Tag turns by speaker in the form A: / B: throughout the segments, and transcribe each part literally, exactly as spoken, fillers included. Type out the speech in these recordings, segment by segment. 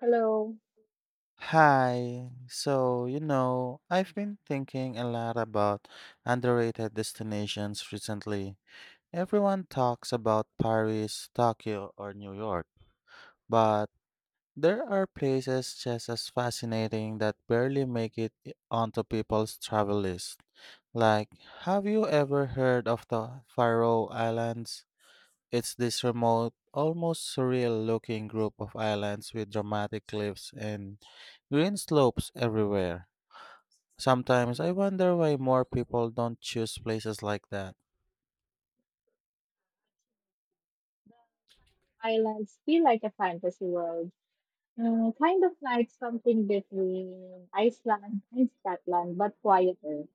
A: Hello.
B: Hi. So, you know, I've been thinking a lot about underrated destinations recently. Everyone talks about Paris, Tokyo, or New York, but there are places just as fascinating that barely make it i- onto people's travel list. Like, have you ever heard of the Faroe Islands? It's this remote, almost surreal looking group of islands with dramatic cliffs and green slopes everywhere. Sometimes I wonder why more people don't choose places like that.
A: Islands feel like a fantasy world, uh, kind of like something between Iceland and Scotland, but quieter.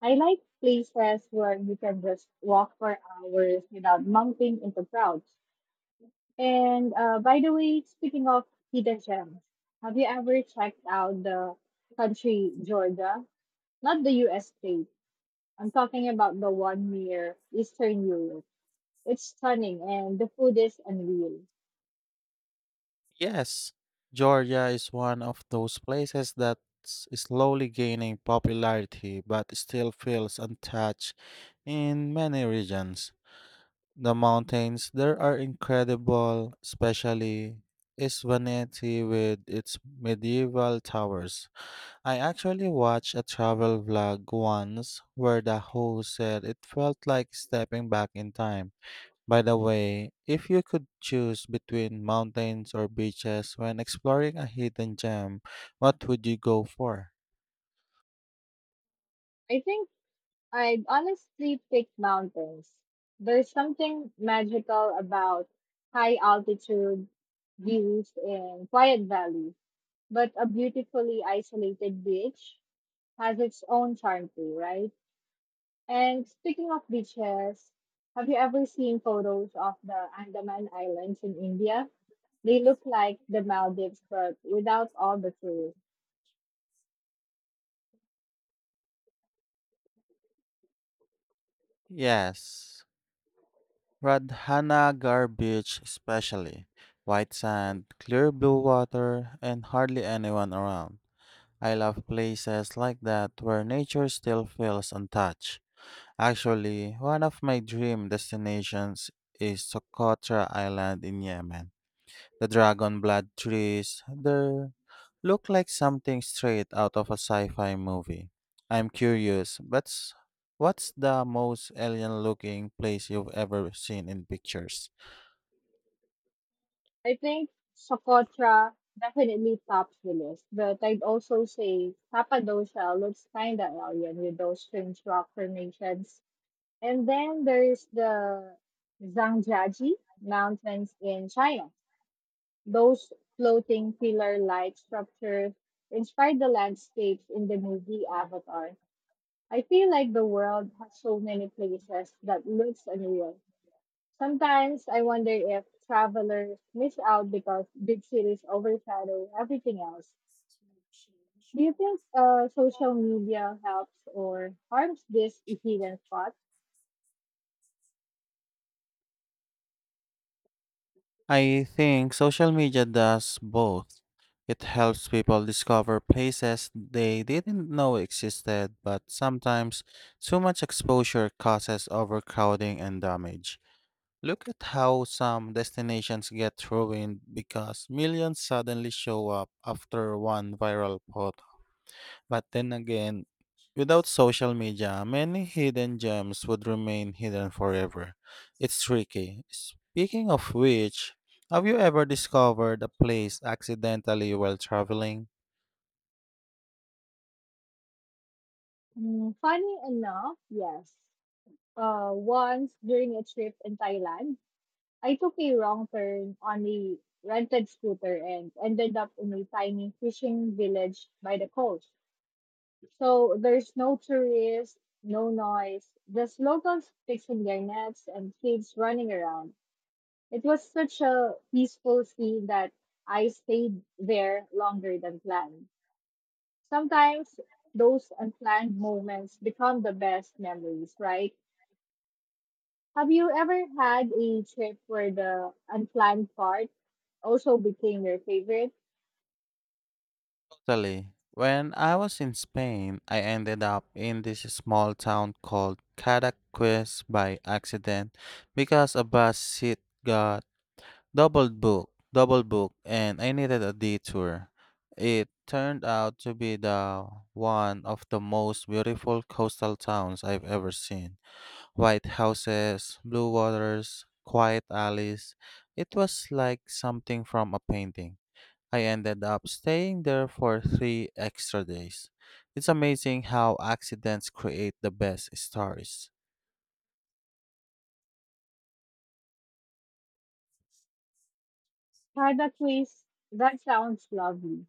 A: I like places where you can just walk for hours without bumping into crowds. And uh, by the way, speaking of hidden gems, have you ever checked out the country Georgia? Not the U S state. I'm talking about the one near Eastern Europe. It's stunning, and the food is unreal.
B: Yes, Georgia is one of those places that's slowly gaining popularity but still feels untouched in many regions. The mountains there are incredible, especially Isvaneti with its medieval towers. I actually watched a travel vlog once where the host said it felt like stepping back in time. By the way, if you could choose between mountains or beaches when exploring a hidden gem, what would you go for?
A: I think I'd honestly pick mountains. There's something magical about high altitude views and quiet valleys, but a beautifully isolated beach has its own charm too, right? And speaking of beaches, have you ever seen photos of the Andaman Islands in India? They look like the Maldives, but without all the tourists.
B: Yes, Radhanagar Beach, especially. White sand, clear blue water, and hardly anyone around. I love places like that where nature still feels untouched. Actually, one of my dream destinations is Socotra Island in Yemen. The dragon blood trees there look like something straight out of a sci-fi movie. I'm curious, but s- what's the most alien-looking place you've ever seen in pictures?
A: I think Socotra definitely tops the list, but I'd also say Cappadocia looks kinda alien with those strange rock formations. And then there's the Zhangjiajie Mountains in China. Those floating pillar-like structures inspired the landscapes in the movie Avatar. I feel like the world has so many places that looks unreal. Sometimes I wonder if travelers miss out because big cities overshadow everything else. Do you think uh, social media helps or harms this hidden spot?
B: I think social media does both. It helps people discover places they didn't know existed, but sometimes too much exposure causes overcrowding and damage. Look at how some destinations get ruined because millions suddenly show up after one viral photo. But then again, without social media, many hidden gems would remain hidden forever. It's tricky. Speaking of which, have you ever discovered a place accidentally while traveling?
A: Mm, funny enough, yes. Uh, once during a trip in Thailand, I took a wrong turn on a rented scooter and ended up in a tiny fishing village by the coast. So there's no tourists, no noise, just locals fixing their nets and kids running around. It was such a peaceful scene that I stayed there longer than planned. Sometimes those unplanned moments become the best memories, right? Have you ever had a trip where the unplanned part also became your favorite?
B: Italy. When I was in Spain, I ended up in this small town called Cadaqués by accident because a bus seat got double booked, double booked, and I needed a detour. It turned out to be the one of the most beautiful coastal towns I've ever seen. White houses, blue waters, quiet alleys. It was like something from a painting. I ended up staying there for three extra days. It's amazing how accidents create the best stories.
A: Cadaqués, that sounds lovely.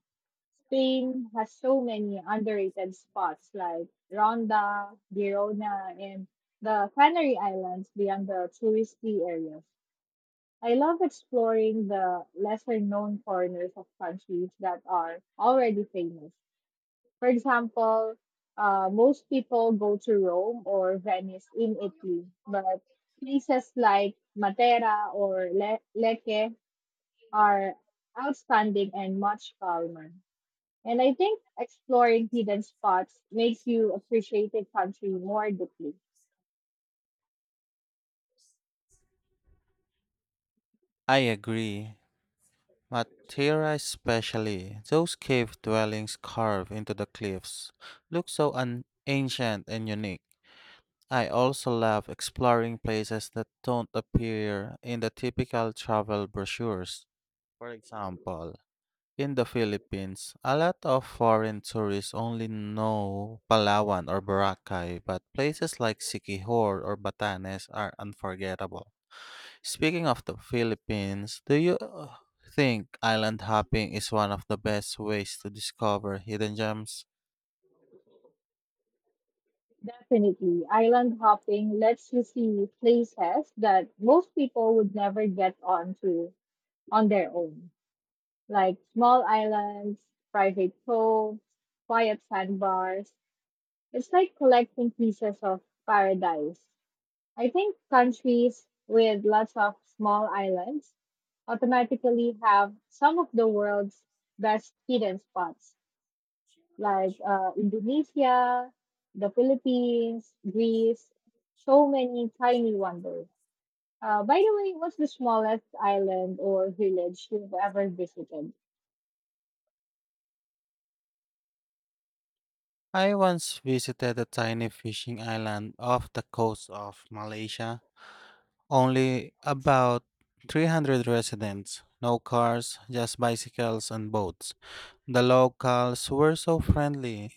A: Spain has so many underrated spots like Ronda, Girona, and the Canary Islands beyond the touristy areas. I love exploring the lesser known corners of countries that are already famous. For example, uh, most people go to Rome or Venice in Italy, but places like Matera or Le- Lecce are outstanding and much calmer. And I think exploring hidden spots makes you appreciate a country more deeply.
B: I agree. Matera, especially, those cave dwellings carved into the cliffs look so un- ancient and unique. I also love exploring places that don't appear in the typical travel brochures. For example, in the Philippines, a lot of foreign tourists only know Palawan or Boracay, but places like Siquijor or Batanes are unforgettable. Speaking of the Philippines, do you uh, think island hopping is one of the best ways to discover hidden gems?
A: Definitely, island hopping lets you see places that most people would never get onto on their own, like small islands, private coves, quiet sandbars. It's like collecting pieces of paradise. I think countries with lots of small islands automatically have some of the world's best hidden spots, like uh, Indonesia, the Philippines, Greece, so many tiny wonders. Uh, by the way, what's the smallest island or village you've ever visited?
B: I once visited a tiny fishing island off the coast of Malaysia, only about three hundred residents, no cars, just bicycles and boats. The locals were so friendly.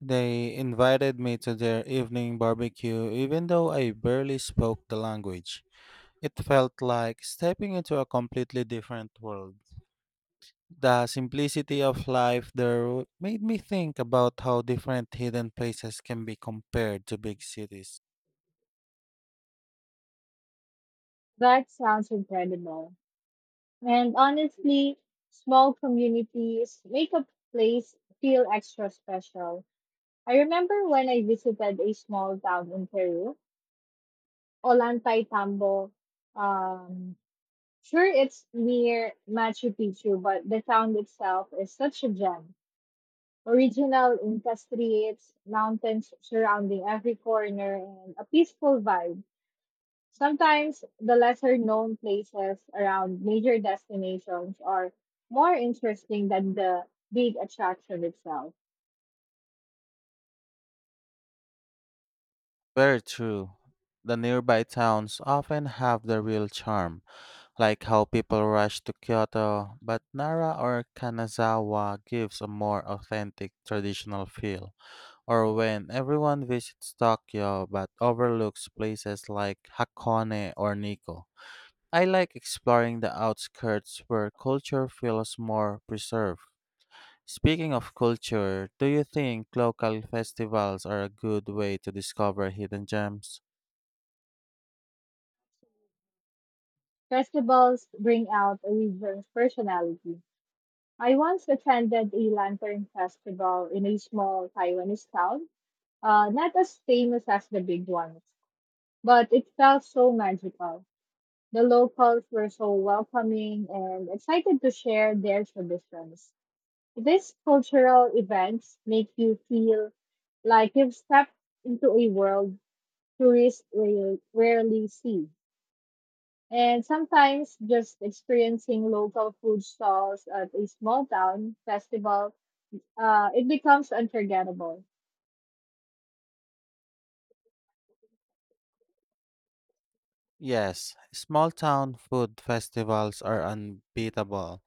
B: They invited me to their evening barbecue even though I barely spoke the language. It felt like stepping into a completely different world. The simplicity of life there made me think about how different hidden places can be compared to big cities.
A: That sounds incredible. And honestly, small communities make a place feel extra special. I remember when I visited a small town in Peru, Olantay Tambo. Um, sure, it's near Machu Picchu, but the town itself is such a gem. Original Inca streets, mountains surrounding every corner, and a peaceful vibe. Sometimes the lesser known places around major destinations are more interesting than the big attraction itself.
B: Very true. The nearby towns often have the real charm, like how people rush to Kyoto, but Nara or Kanazawa gives a more authentic traditional feel. Or when everyone visits Tokyo but overlooks places like Hakone or Nikko. I like exploring the outskirts where culture feels more preserved. Speaking of culture, do you think local festivals are a good way to discover hidden gems?
A: Festivals bring out a region's personality. I once attended a lantern festival in a small Taiwanese town, uh, not as famous as the big ones, but it felt so magical. The locals were so welcoming and excited to share their traditions. These cultural events make you feel like you've stepped into a world tourists rare- rarely see. And sometimes just experiencing local food stalls at a small town festival, uh, it becomes unforgettable.
B: Yes, small town food festivals are unbeatable.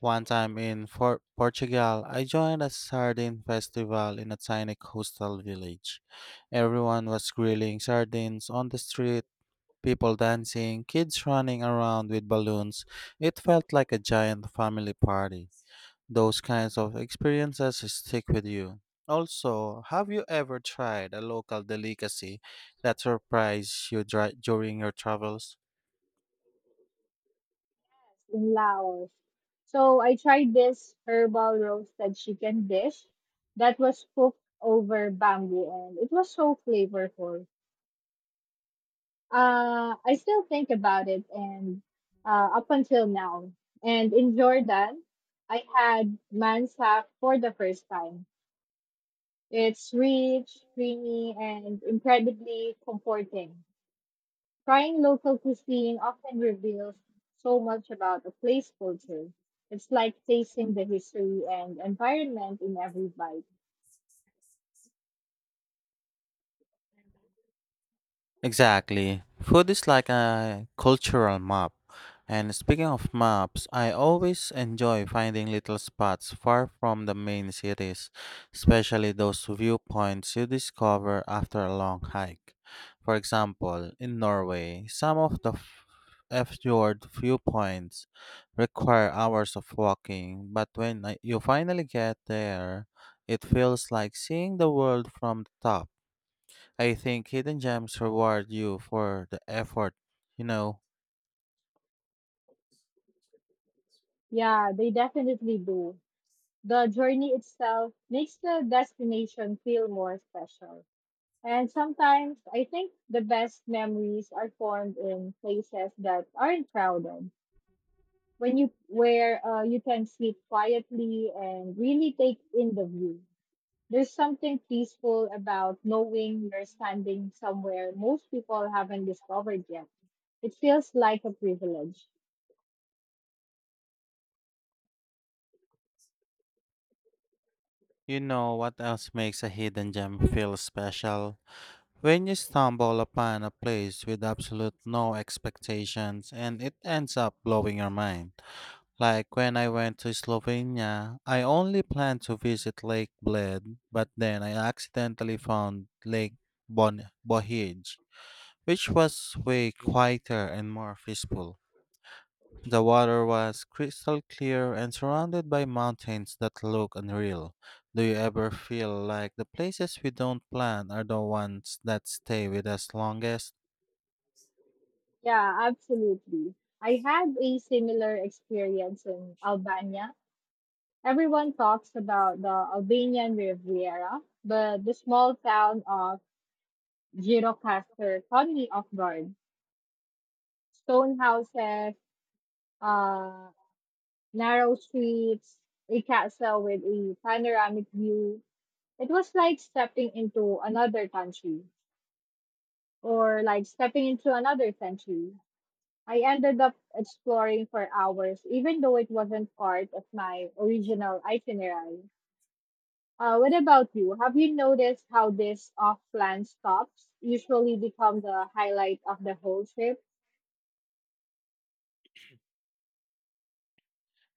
B: One time in for- Portugal, I joined a sardine festival in a tiny coastal village. Everyone was grilling sardines on the street, people dancing, kids running around with balloons. It felt like a giant family party. Those kinds of experiences stick with you. Also, have you ever tried a local delicacy that surprised you dri- during your travels?
A: In Laos, so I tried this herbal roasted chicken dish that was cooked over bamboo, and it was so flavorful. Uh, I still think about it, and uh, up until now. And in Jordan, I had mansak for the first time. It's rich, creamy, and incredibly comforting. Trying local cuisine often reveals so much about a place culture. It's like tasting the history and environment in every bite.
B: Exactly. Food is like a cultural map. And speaking of maps, I always enjoy finding little spots far from the main cities, especially those viewpoints you discover after a long hike. For example, in Norway, some of the f- fjord viewpoints require hours of walking, but when I- you finally get there, it feels like seeing the world from the top. I think hidden gems reward you for the effort. You know,
A: Yeah, they definitely do. The journey itself makes the destination feel more special. And sometimes I think the best memories are formed in places that aren't crowded. When you where uh, you can sit quietly and really take in the view. There's something peaceful about knowing you're standing somewhere most people haven't discovered yet. It feels like a privilege.
B: you know what else makes a hidden gem feel special? When you stumble upon a place with absolute no expectations and it ends up blowing your mind. Like when I went to Slovenia, I only planned to visit Lake Bled, but then I accidentally found Lake Bon- Bohij, which was way quieter and more peaceful. The water was crystal clear and surrounded by mountains that look unreal. Do you ever feel like the places we don't plan are the ones that stay with us longest?
A: Yeah, absolutely. I had a similar experience in Albania. Everyone talks about the Albanian Riviera, but the small town of Gjirokastër caught me off guard. Stone houses, uh, narrow streets, a castle with a panoramic view. It was like stepping into another country or like stepping into another century. I ended up exploring for hours, even though it wasn't part of my original itinerary. Uh, what about you? Have you noticed how this off plan stops usually become the highlight of the whole trip?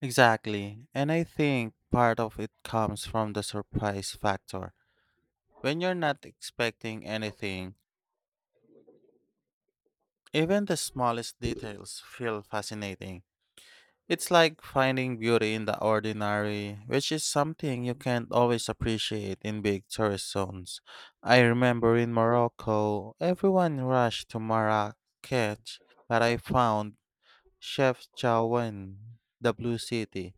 B: Exactly. And I think part of it comes from the surprise factor. When you're not expecting anything, even the smallest details feel fascinating. It's like finding beauty in the ordinary, which is something you can't always appreciate in big tourist zones. I remember in Morocco, everyone rushed to Marrakech, but I found Chef Chaouen, the Blue City,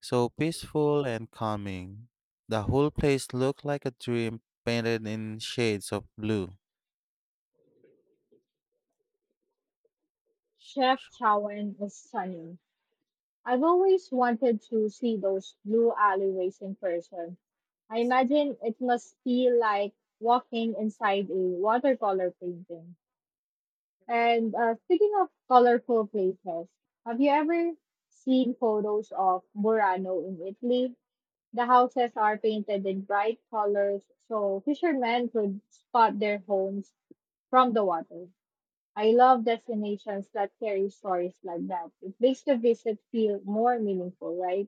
B: so peaceful and calming. The whole place looked like a dream painted in shades of blue.
A: Chef Chowan is stunning. I've always wanted to see those blue alleyways in person. I imagine it must feel like walking inside a watercolor painting. And uh, speaking of colorful places, have you ever seen photos of Murano in Italy? The houses are painted in bright colors so fishermen could spot their homes from the water. I love destinations that carry stories like that. It makes the visit feel more meaningful, right?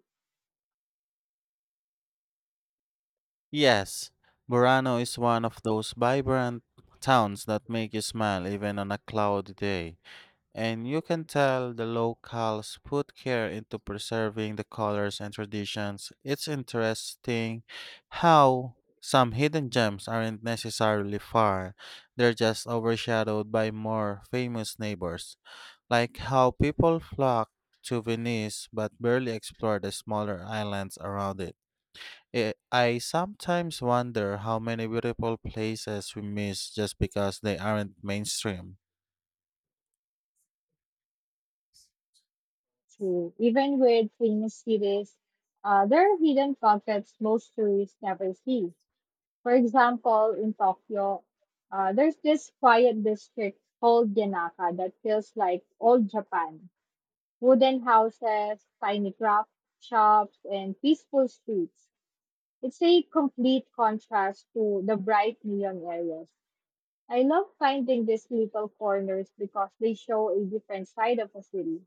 B: Yes, Burano is one of those vibrant towns that make you smile even on a cloudy day, and you can tell the locals put care into preserving the colors and traditions. It's interesting how some hidden gems aren't necessarily far, they're just overshadowed by more famous neighbors, like how people flock to Venice but barely explore the smaller islands around it. Eh, I sometimes wonder how many beautiful places we miss just because they aren't mainstream.
A: True. Even with famous cities, uh, there are hidden pockets most tourists never see. For example, in Tokyo, uh, there's this quiet district called Yanaka that feels like old Japan. Wooden houses, tiny craft shops, and peaceful streets. It's a complete contrast to the bright neon areas. I love finding these little corners because they show a different side of a city.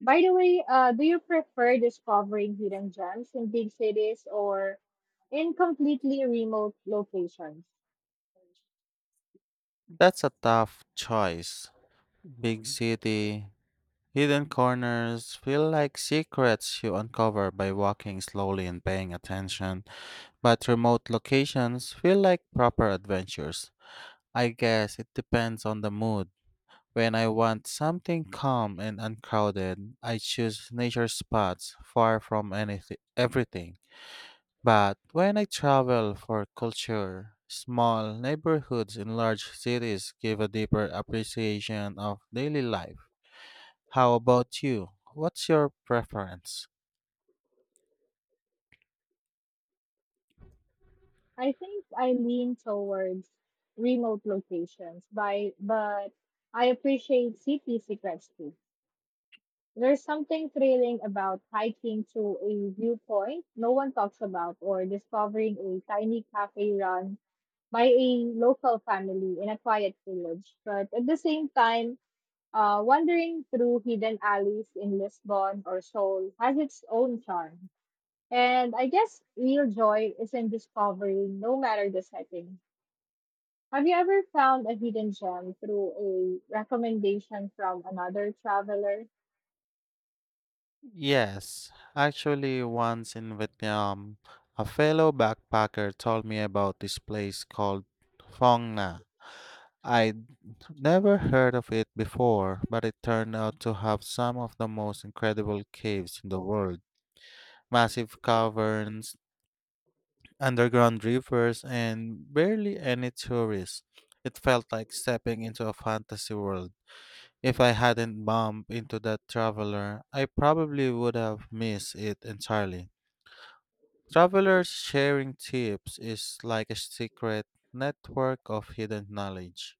A: By the way, uh, do you prefer discovering hidden gems in big cities or in completely remote locations?
B: That's a tough choice. Big city, hidden corners feel like secrets you uncover by walking slowly and paying attention, but remote locations feel like proper adventures. I guess it depends on the mood. When I want something calm and uncrowded, I choose nature spots far from anything everything. But when I travel for culture, small neighborhoods in large cities give a deeper appreciation of daily life. How about you? What's your preference?
A: I think I lean towards remote locations, by, but I appreciate city secrets too. There's something thrilling about hiking to a viewpoint no one talks about or discovering a tiny cafe run by a local family in a quiet village. But at the same time, Uh, wandering through hidden alleys in Lisbon or Seoul has its own charm. And I guess real joy is in discovering, no matter the setting. Have you ever found a hidden gem through a recommendation from another traveler?
B: Yes, actually, once in Vietnam, a fellow backpacker told me about this place called Phong Nha. I'd never heard of it before, but it turned out to have some of the most incredible caves in the world. Massive caverns underground rivers, and barely any tourists. It felt like stepping into a fantasy world. If I hadn't bumped into that traveler, I probably would have missed it entirely. Travelers sharing tips is like a secret network of hidden knowledge.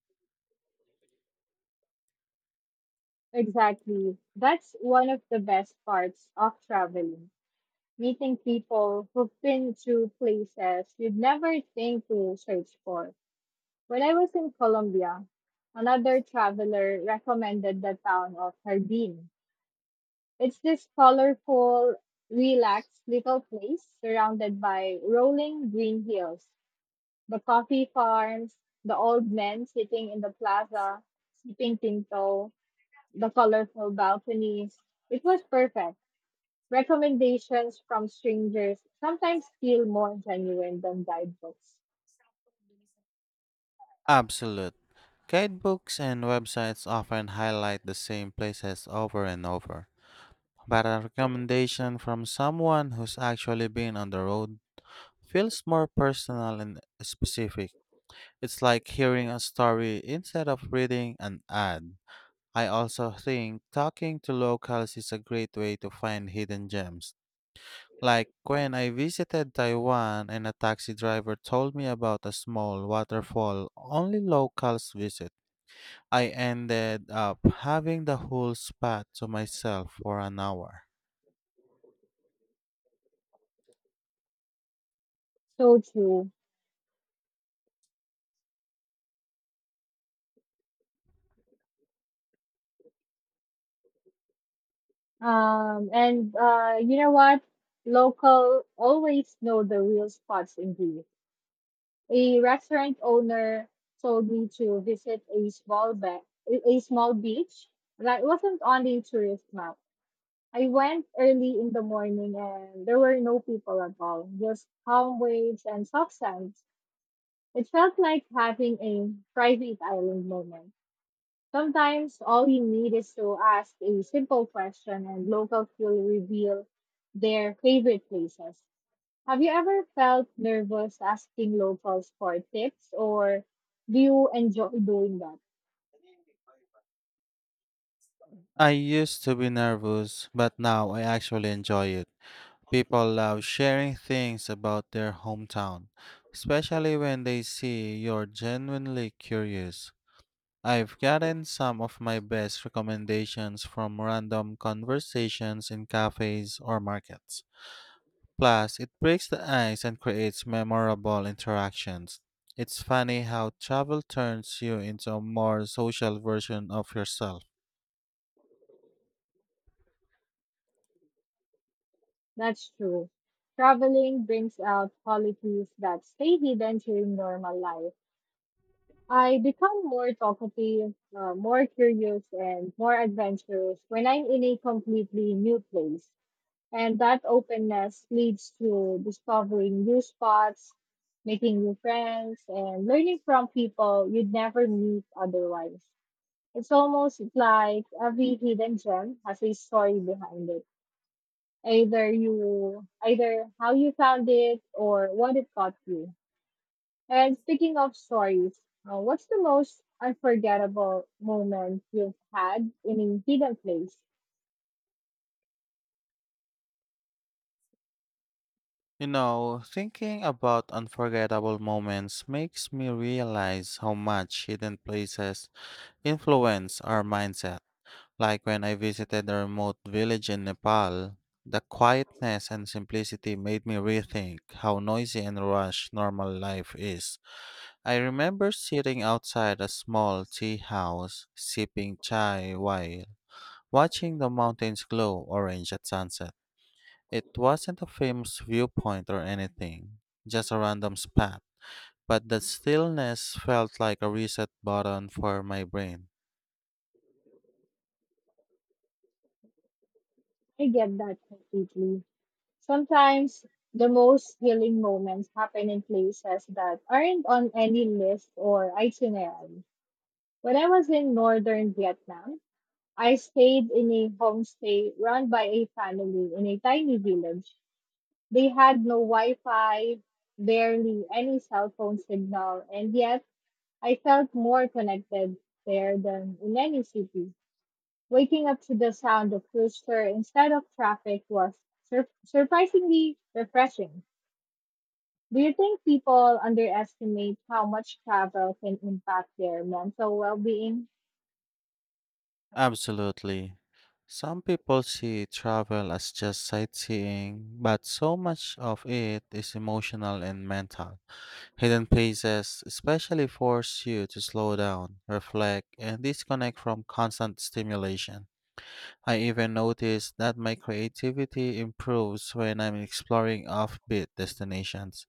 A: Exactly. That's one of the best parts of traveling. Meeting people who've been to places you'd never think to search for. When I was in Colombia, another traveler recommended the town of Jardin. It's this colorful, relaxed little place surrounded by rolling green hills, the coffee farms, the old men sitting in the plaza, sipping tinto, the colorful balconies. It was perfect. Recommendations from strangers sometimes feel more genuine than guidebooks.
B: Absolute. Guidebooks and websites often highlight the same places over and over. But a recommendation from someone who's actually been on the road feels more personal and specific. It's like hearing a story instead of reading an ad. I also think talking to locals is a great way to find hidden gems. Like when I visited Taiwan and a taxi driver told me about a small waterfall only locals visit. I ended up having the whole spot to myself for an hour.
A: So true. Um, and uh, You know what? Local always know the real spots in Greece. A restaurant owner told me to visit a small ba- a a small beach that wasn't on the tourist map. I went early in the morning and there were no people at all, just calm waves and soft sounds. It felt like having a private island moment. Sometimes all we need is to ask a simple question and locals will reveal their favorite places. Have you ever felt nervous asking locals for tips or do you enjoy doing that?
B: I used to be nervous, but now I actually enjoy it. People love sharing things about their hometown, especially when they see you're genuinely curious. I've gotten some of my best recommendations from random conversations in cafes or markets. Plus, it breaks the ice and creates memorable interactions. It's funny how travel turns you into a more social version of yourself.
A: That's true. Traveling brings out qualities that stay hidden during normal life. I become more talkative, uh, more curious, and more adventurous when I'm in a completely new place. And that openness leads to discovering new spots, making new friends, and learning from people you'd never meet otherwise. It's almost like every hidden gem has a story behind it. Either you, either how you found it or what it taught you. And speaking of stories, uh, what's the most unforgettable moment you've had in a hidden place?
B: You know, thinking about unforgettable moments makes me realize how much hidden places influence our mindset. Like when I visited a remote village in Nepal, the quietness and simplicity made me rethink how noisy and rushed normal life is. I remember sitting outside a small tea house, sipping chai while watching the mountains glow orange at sunset. It wasn't a famous viewpoint or anything, just a random spot, but the stillness felt like a reset button for my brain.
A: I get that completely. Sometimes the most healing moments happen in places that aren't on any list or itinerary. When I was in northern Vietnam, I stayed in a homestay run by a family in a tiny village. They had no Wi Fi, barely any cell phone signal, and yet I felt more connected there than in any city. Waking up to the sound of rooster instead of traffic was sur- surprisingly refreshing. Do you think people underestimate how much travel can impact their mental well being?
B: Absolutely. Some people see travel as just sightseeing, but so much of it is emotional and mental. Hidden places especially force you to slow down, reflect, and disconnect from constant stimulation. I even notice that my creativity improves when I'm exploring offbeat destinations.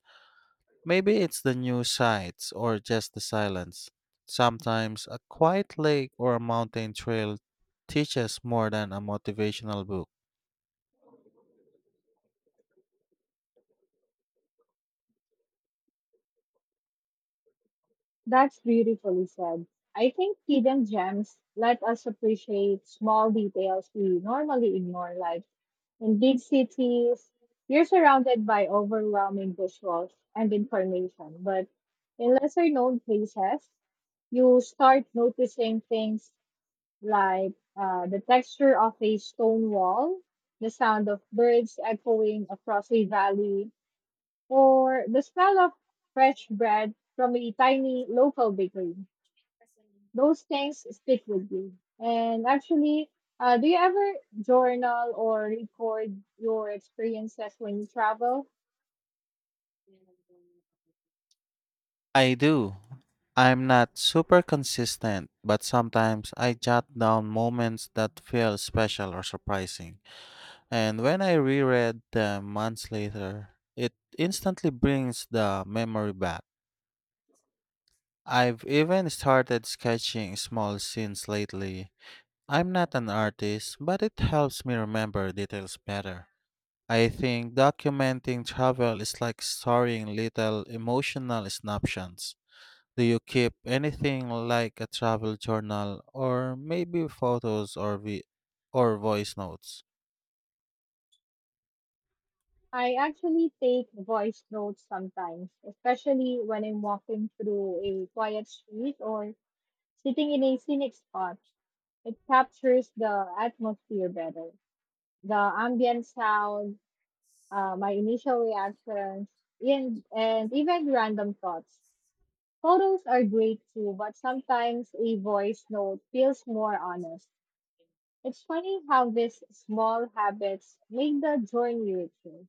B: Maybe it's the new sights or just the silence. Sometimes a quiet lake or a mountain trail teaches more than a motivational book.
A: That's beautifully said. I think hidden gems let us appreciate small details we normally ignore, like in big cities, you're surrounded by overwhelming visuals and information, but in lesser known places, you start noticing things like uh, the texture of a stone wall, the sound of birds echoing across a valley, or the smell of fresh bread from a tiny local bakery. Those things stick with you. And actually, uh, do you ever journal or record your experiences when you travel?
B: I do. I'm not super consistent, but sometimes I jot down moments that feel special or surprising. And when I reread them months later, it instantly brings the memory back. I've even started sketching small scenes lately. I'm not an artist, but it helps me remember details better. I think documenting travel is like storing little emotional snapshots. Do you keep anything like a travel journal or maybe photos or vi- or voice notes?
A: I actually take voice notes sometimes, especially when I'm walking through a quiet street or sitting in a scenic spot. It captures the atmosphere better. The ambient sound, uh, my initial reactions, and, and even random thoughts. Photos are great too, but sometimes a voice note feels more honest. It's funny how these small habits make the journey richer.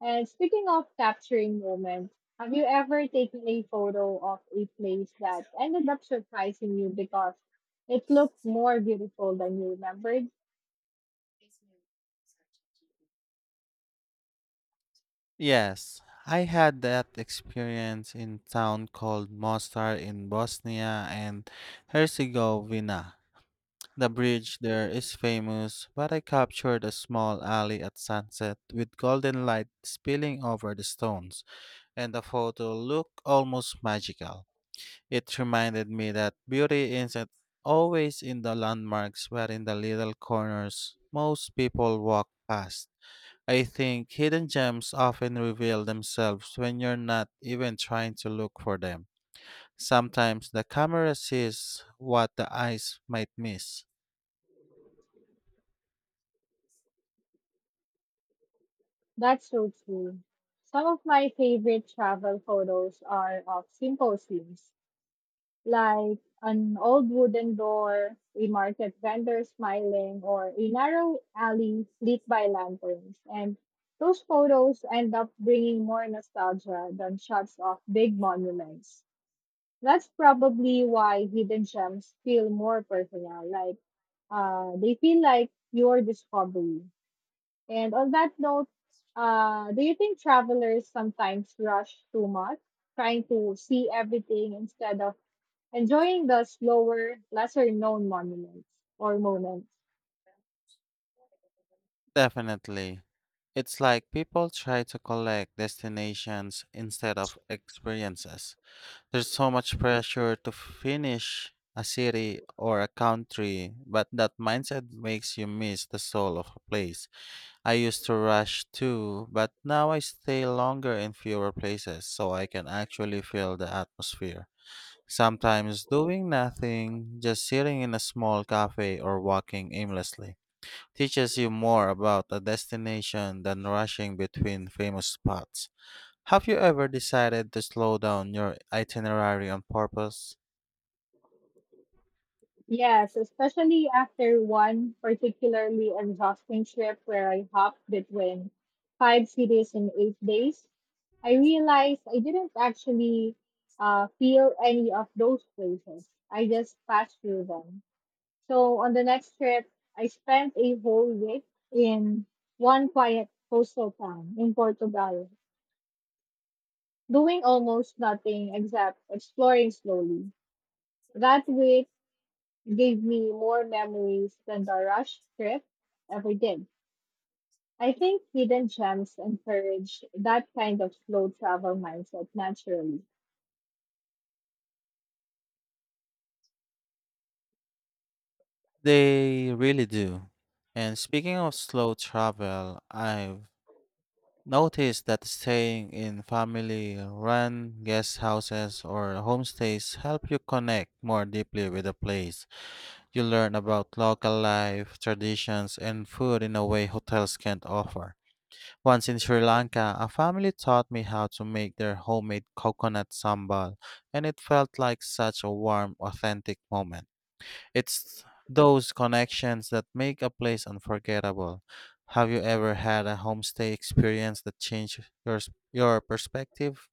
A: And speaking of capturing moments, have you ever taken a photo of a place that ended up surprising you because it looked more beautiful than you remembered?
B: Yes, I had that experience in town called Mostar in Bosnia and Herzegovina. The bridge there is famous, but I captured a small alley at sunset with golden light spilling over the stones, and the photo looked almost magical. It reminded me that beauty isn't always in the landmarks but in the little corners most people walk past. I think hidden gems often reveal themselves when you're not even trying to look for them. Sometimes the camera sees what the eyes might miss.
A: That's so true. Some of my favorite travel photos are of simple scenes, like an old wooden door, a market vendor smiling, or a narrow alley lit by lanterns. And those photos end up bringing more nostalgia than shots of big monuments. That's probably why hidden gems feel more personal, like uh, they feel like your discovery. And on that note, uh, do you think travelers sometimes rush too much, trying to see everything instead of enjoying the slower, lesser known monuments or moments?
B: Definitely. It's like people try to collect destinations instead of experiences. There's so much pressure to finish a city or a country, but that mindset makes you miss the soul of a place. I used to rush too, but now I stay longer in fewer places so I can actually feel the atmosphere. Sometimes doing nothing, just sitting in a small cafe or walking aimlessly teaches you more about a destination than rushing between famous spots. Have you ever decided to slow down your itinerary on purpose?
A: Yes, especially after one particularly exhausting trip where I hopped between five cities in eight days. I realized I didn't actually uh, feel any of those places. I just passed through them. So on the next trip, I spent a whole week in one quiet coastal town in Portugal, doing almost nothing except exploring slowly. That week gave me more memories than the rush trip ever did. I think hidden gems encourage that kind of slow travel mindset naturally.
B: They really do. And speaking of slow travel, I've noticed that staying in family run guest houses or homestays help you connect more deeply with the place. You learn about local life, traditions, and food in a way hotels can't offer. Once in Sri Lanka, a family taught me how to make their homemade coconut sambal, and it felt like such a warm, authentic moment. It's those connections that make a place unforgettable. Have you ever had a homestay experience that changed your s- your perspective?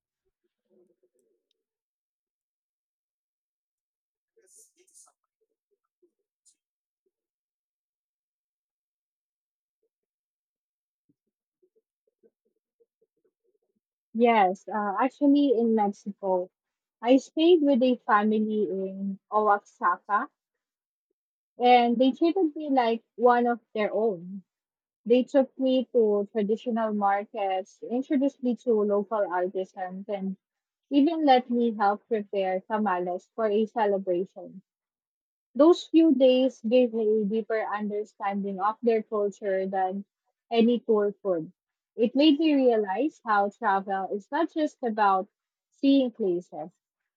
A: Yes, uh, actually in Mexico, I stayed with a family in Oaxaca and they treated me like one of their own. They took me to traditional markets, introduced me to local artisans, and even let me help prepare tamales for a celebration. Those few days gave me a deeper understanding of their culture than any tour could. It made me realize how travel is not just about seeing places,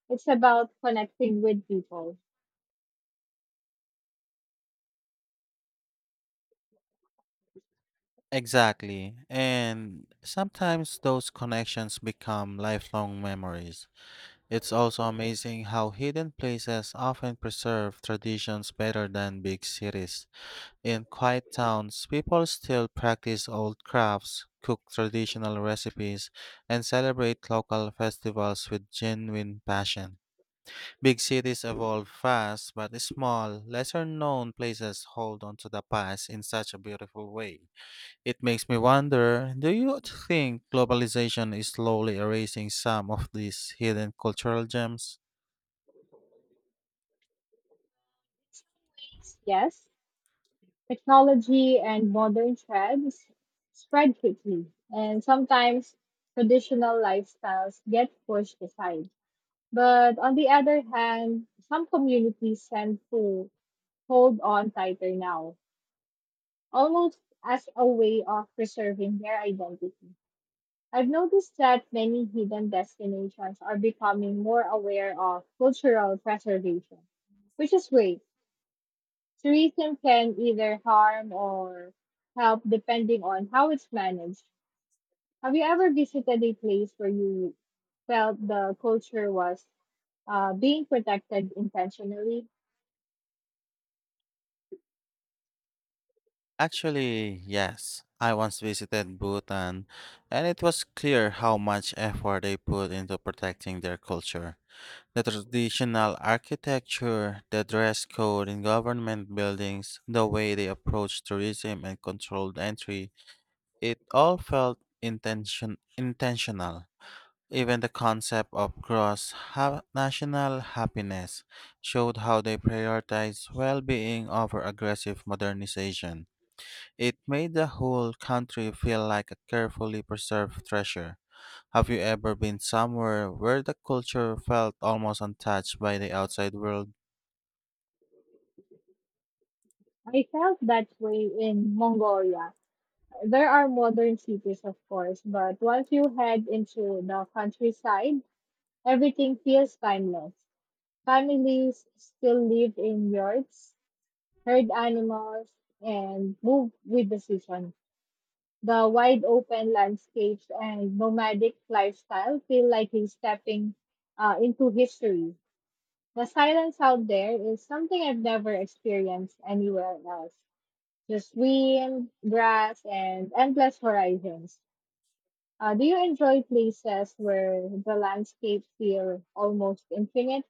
A: it's about connecting with people.
B: Exactly. And sometimes those connections become lifelong memories. It's also amazing how hidden places often preserve traditions better than big cities. In quiet towns, people still practice old crafts, cook traditional recipes, and celebrate local festivals with genuine passion. Big cities evolve fast, but small, lesser known places hold on to the past in such a beautiful way. It makes me wonder, do you think globalization is slowly erasing some of these hidden cultural gems?
A: Yes, technology and modern trends spread quickly, and sometimes traditional lifestyles get pushed aside. But on the other hand, some communities tend to hold on tighter now, almost as a way of preserving their identity. I've noticed that many hidden destinations are becoming more aware of cultural preservation, which is great. Tourism can either harm or help depending on how it's managed. Have you ever visited a place where you felt the culture was uh, being protected intentionally?
B: Actually, yes. I once visited Bhutan, and it was clear how much effort they put into protecting their culture. The traditional architecture, the dress code in government buildings, the way they approach tourism and controlled entry, it all felt intention intentional. Even the concept of cross ha- national happiness showed how they prioritize well being over aggressive modernization. It made the whole country feel like a carefully preserved treasure. Have you ever been somewhere where the culture felt almost untouched by the outside world?
A: I felt that way in Mongolia. There are modern cities, of course, but once you head into the countryside, everything feels timeless. Families still live in yurts, herd animals, and move with the season. The wide open landscapes and nomadic lifestyle feel like he's stepping uh, into history. The silence out there is something I've never experienced anywhere else. Just wind, grass, and endless horizons. Uh, do you enjoy places where the landscapes feel almost infinite?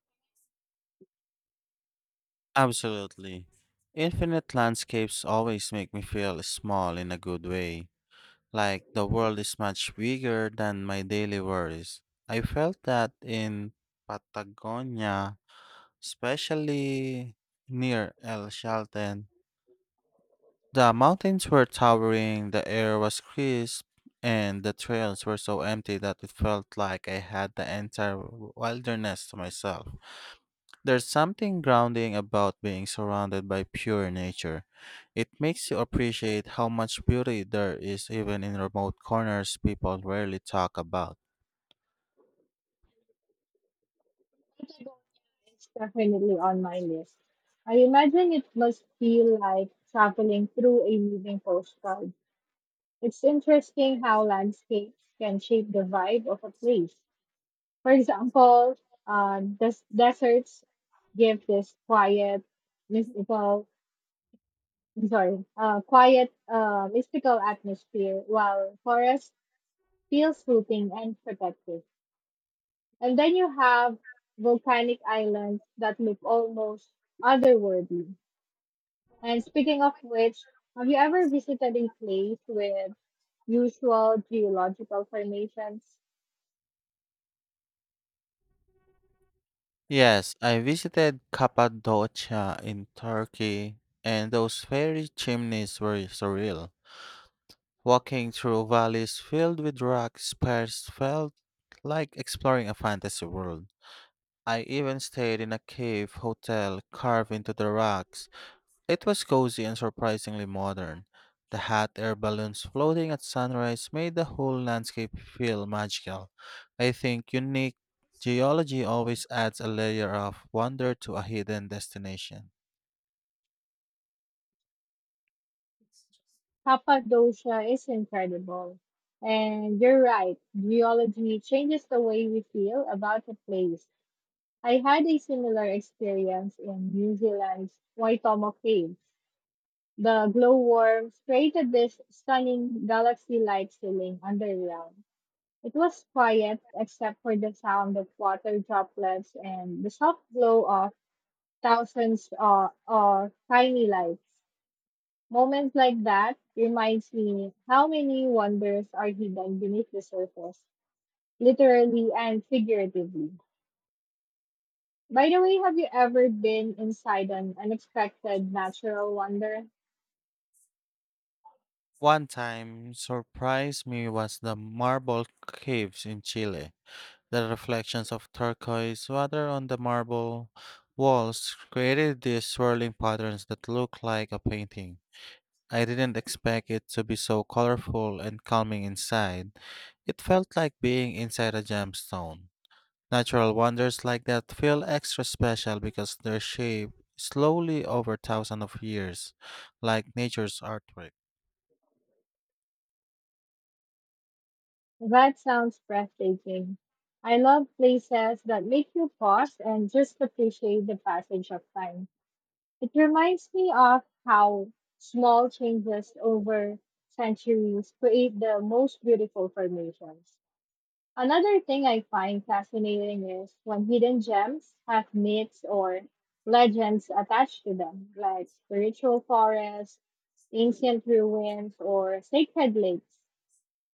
B: Absolutely. Infinite landscapes always make me feel small in a good way, like the world is much bigger than my daily worries. I felt that in Patagonia, especially near El Chalten. The mountains were towering, the air was crisp, and the trails were so empty that it felt like I had the entire wilderness to myself. There's something grounding about being surrounded by pure nature. It makes you appreciate how much beauty there is even in remote corners people rarely talk about.
A: Patagonia is definitely on my list. I imagine it must feel like traveling through a moving postcard. It's interesting how landscapes can shape the vibe of a place. For example, uh, des- deserts give this quiet, mystical, I'm sorry, uh, quiet, uh, mystical atmosphere, while forests feel soothing and protective. And then you have volcanic islands that look almost otherworldly. And speaking of which, have you ever visited a place with usual geological formations?
B: Yes, I visited Cappadocia in Turkey, and those fairy chimneys were surreal. Walking through valleys filled with rock spires felt like exploring a fantasy world. I even stayed in a cave hotel carved into the rocks. It was cozy and surprisingly modern. The hot air balloons floating at sunrise made the whole landscape feel magical. I think unique geology always adds a layer of wonder to a hidden destination.
A: Cappadocia is incredible. And you're right, geology changes the way we feel about a place. I had a similar experience in New Zealand's Waitomo Caves. The glowworms created this stunning galaxy like ceiling underground. It was quiet except for the sound of water droplets and the soft glow of thousands of, of tiny lights. Moments like that reminds me how many wonders are hidden beneath the surface, literally and figuratively. By the way, have you ever been inside an unexpected natural wonder?
B: One time surprised me was the marble caves in Chile. The reflections of turquoise water on the marble walls created these swirling patterns that look like a painting. I didn't expect it to be so colorful and calming inside. It felt like being inside a gemstone. Natural wonders like that feel extra special because they're shaped slowly over thousands of years, like nature's artwork.
A: That sounds breathtaking. I love places that make you pause and just appreciate the passage of time. It reminds me of how small changes over centuries create the most beautiful formations. Another thing I find fascinating is when hidden gems have myths or legends attached to them, like spiritual forests, ancient ruins, or sacred lakes.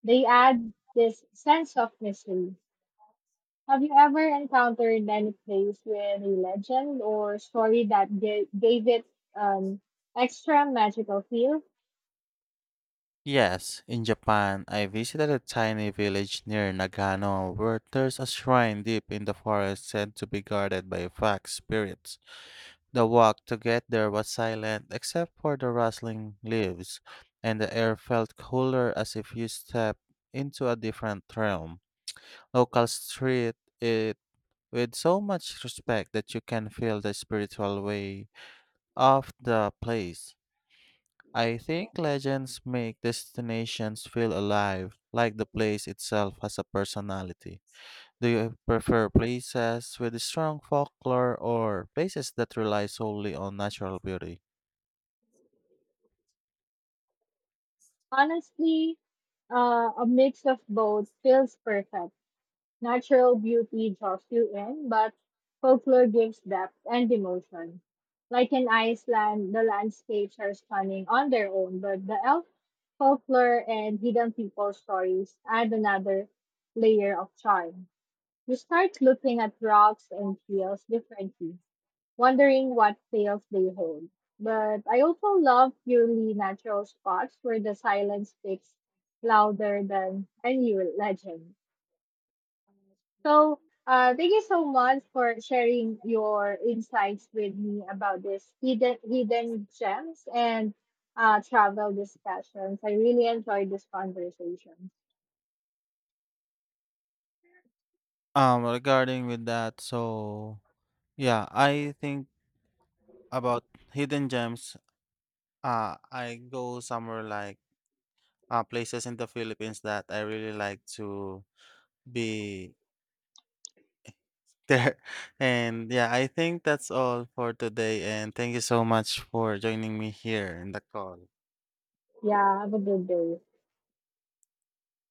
A: They add this sense of mystery. Have you ever encountered any place with a legend or story that ga- gave it an extra magical feel?
B: Yes, in Japan, I visited a tiny village near Nagano where there's a shrine deep in the forest said to be guarded by fox spirits. The walk to get there was silent except for the rustling leaves, and the air felt cooler as if you stepped into a different realm. Locals treat it with so much respect that you can feel the spiritual way of the place. I think legends make destinations feel alive, like the place itself has a personality. Do you prefer places with strong folklore or places that rely solely on natural beauty?
A: Honestly, uh, a mix of both feels perfect. Natural beauty draws you in, but folklore gives depth and emotion. Like in Iceland, the landscapes are stunning on their own, but the elf folklore and hidden people stories add another layer of charm. You start looking at rocks and fields differently, wondering what tales they hold. But I also love purely natural spots where the silence speaks louder than any legend. So, uh, thank you so much for sharing your insights with me about this hidden hidden gems and uh, travel discussions. I really enjoyed this conversation.
B: Um, regarding with that, so yeah, I think about hidden gems. Uh, I go somewhere like uh, places in the Philippines that I really like to be there. And yeah, I think that's all for today. And thank you so much for joining me here in the call.
A: Yeah, have a good day.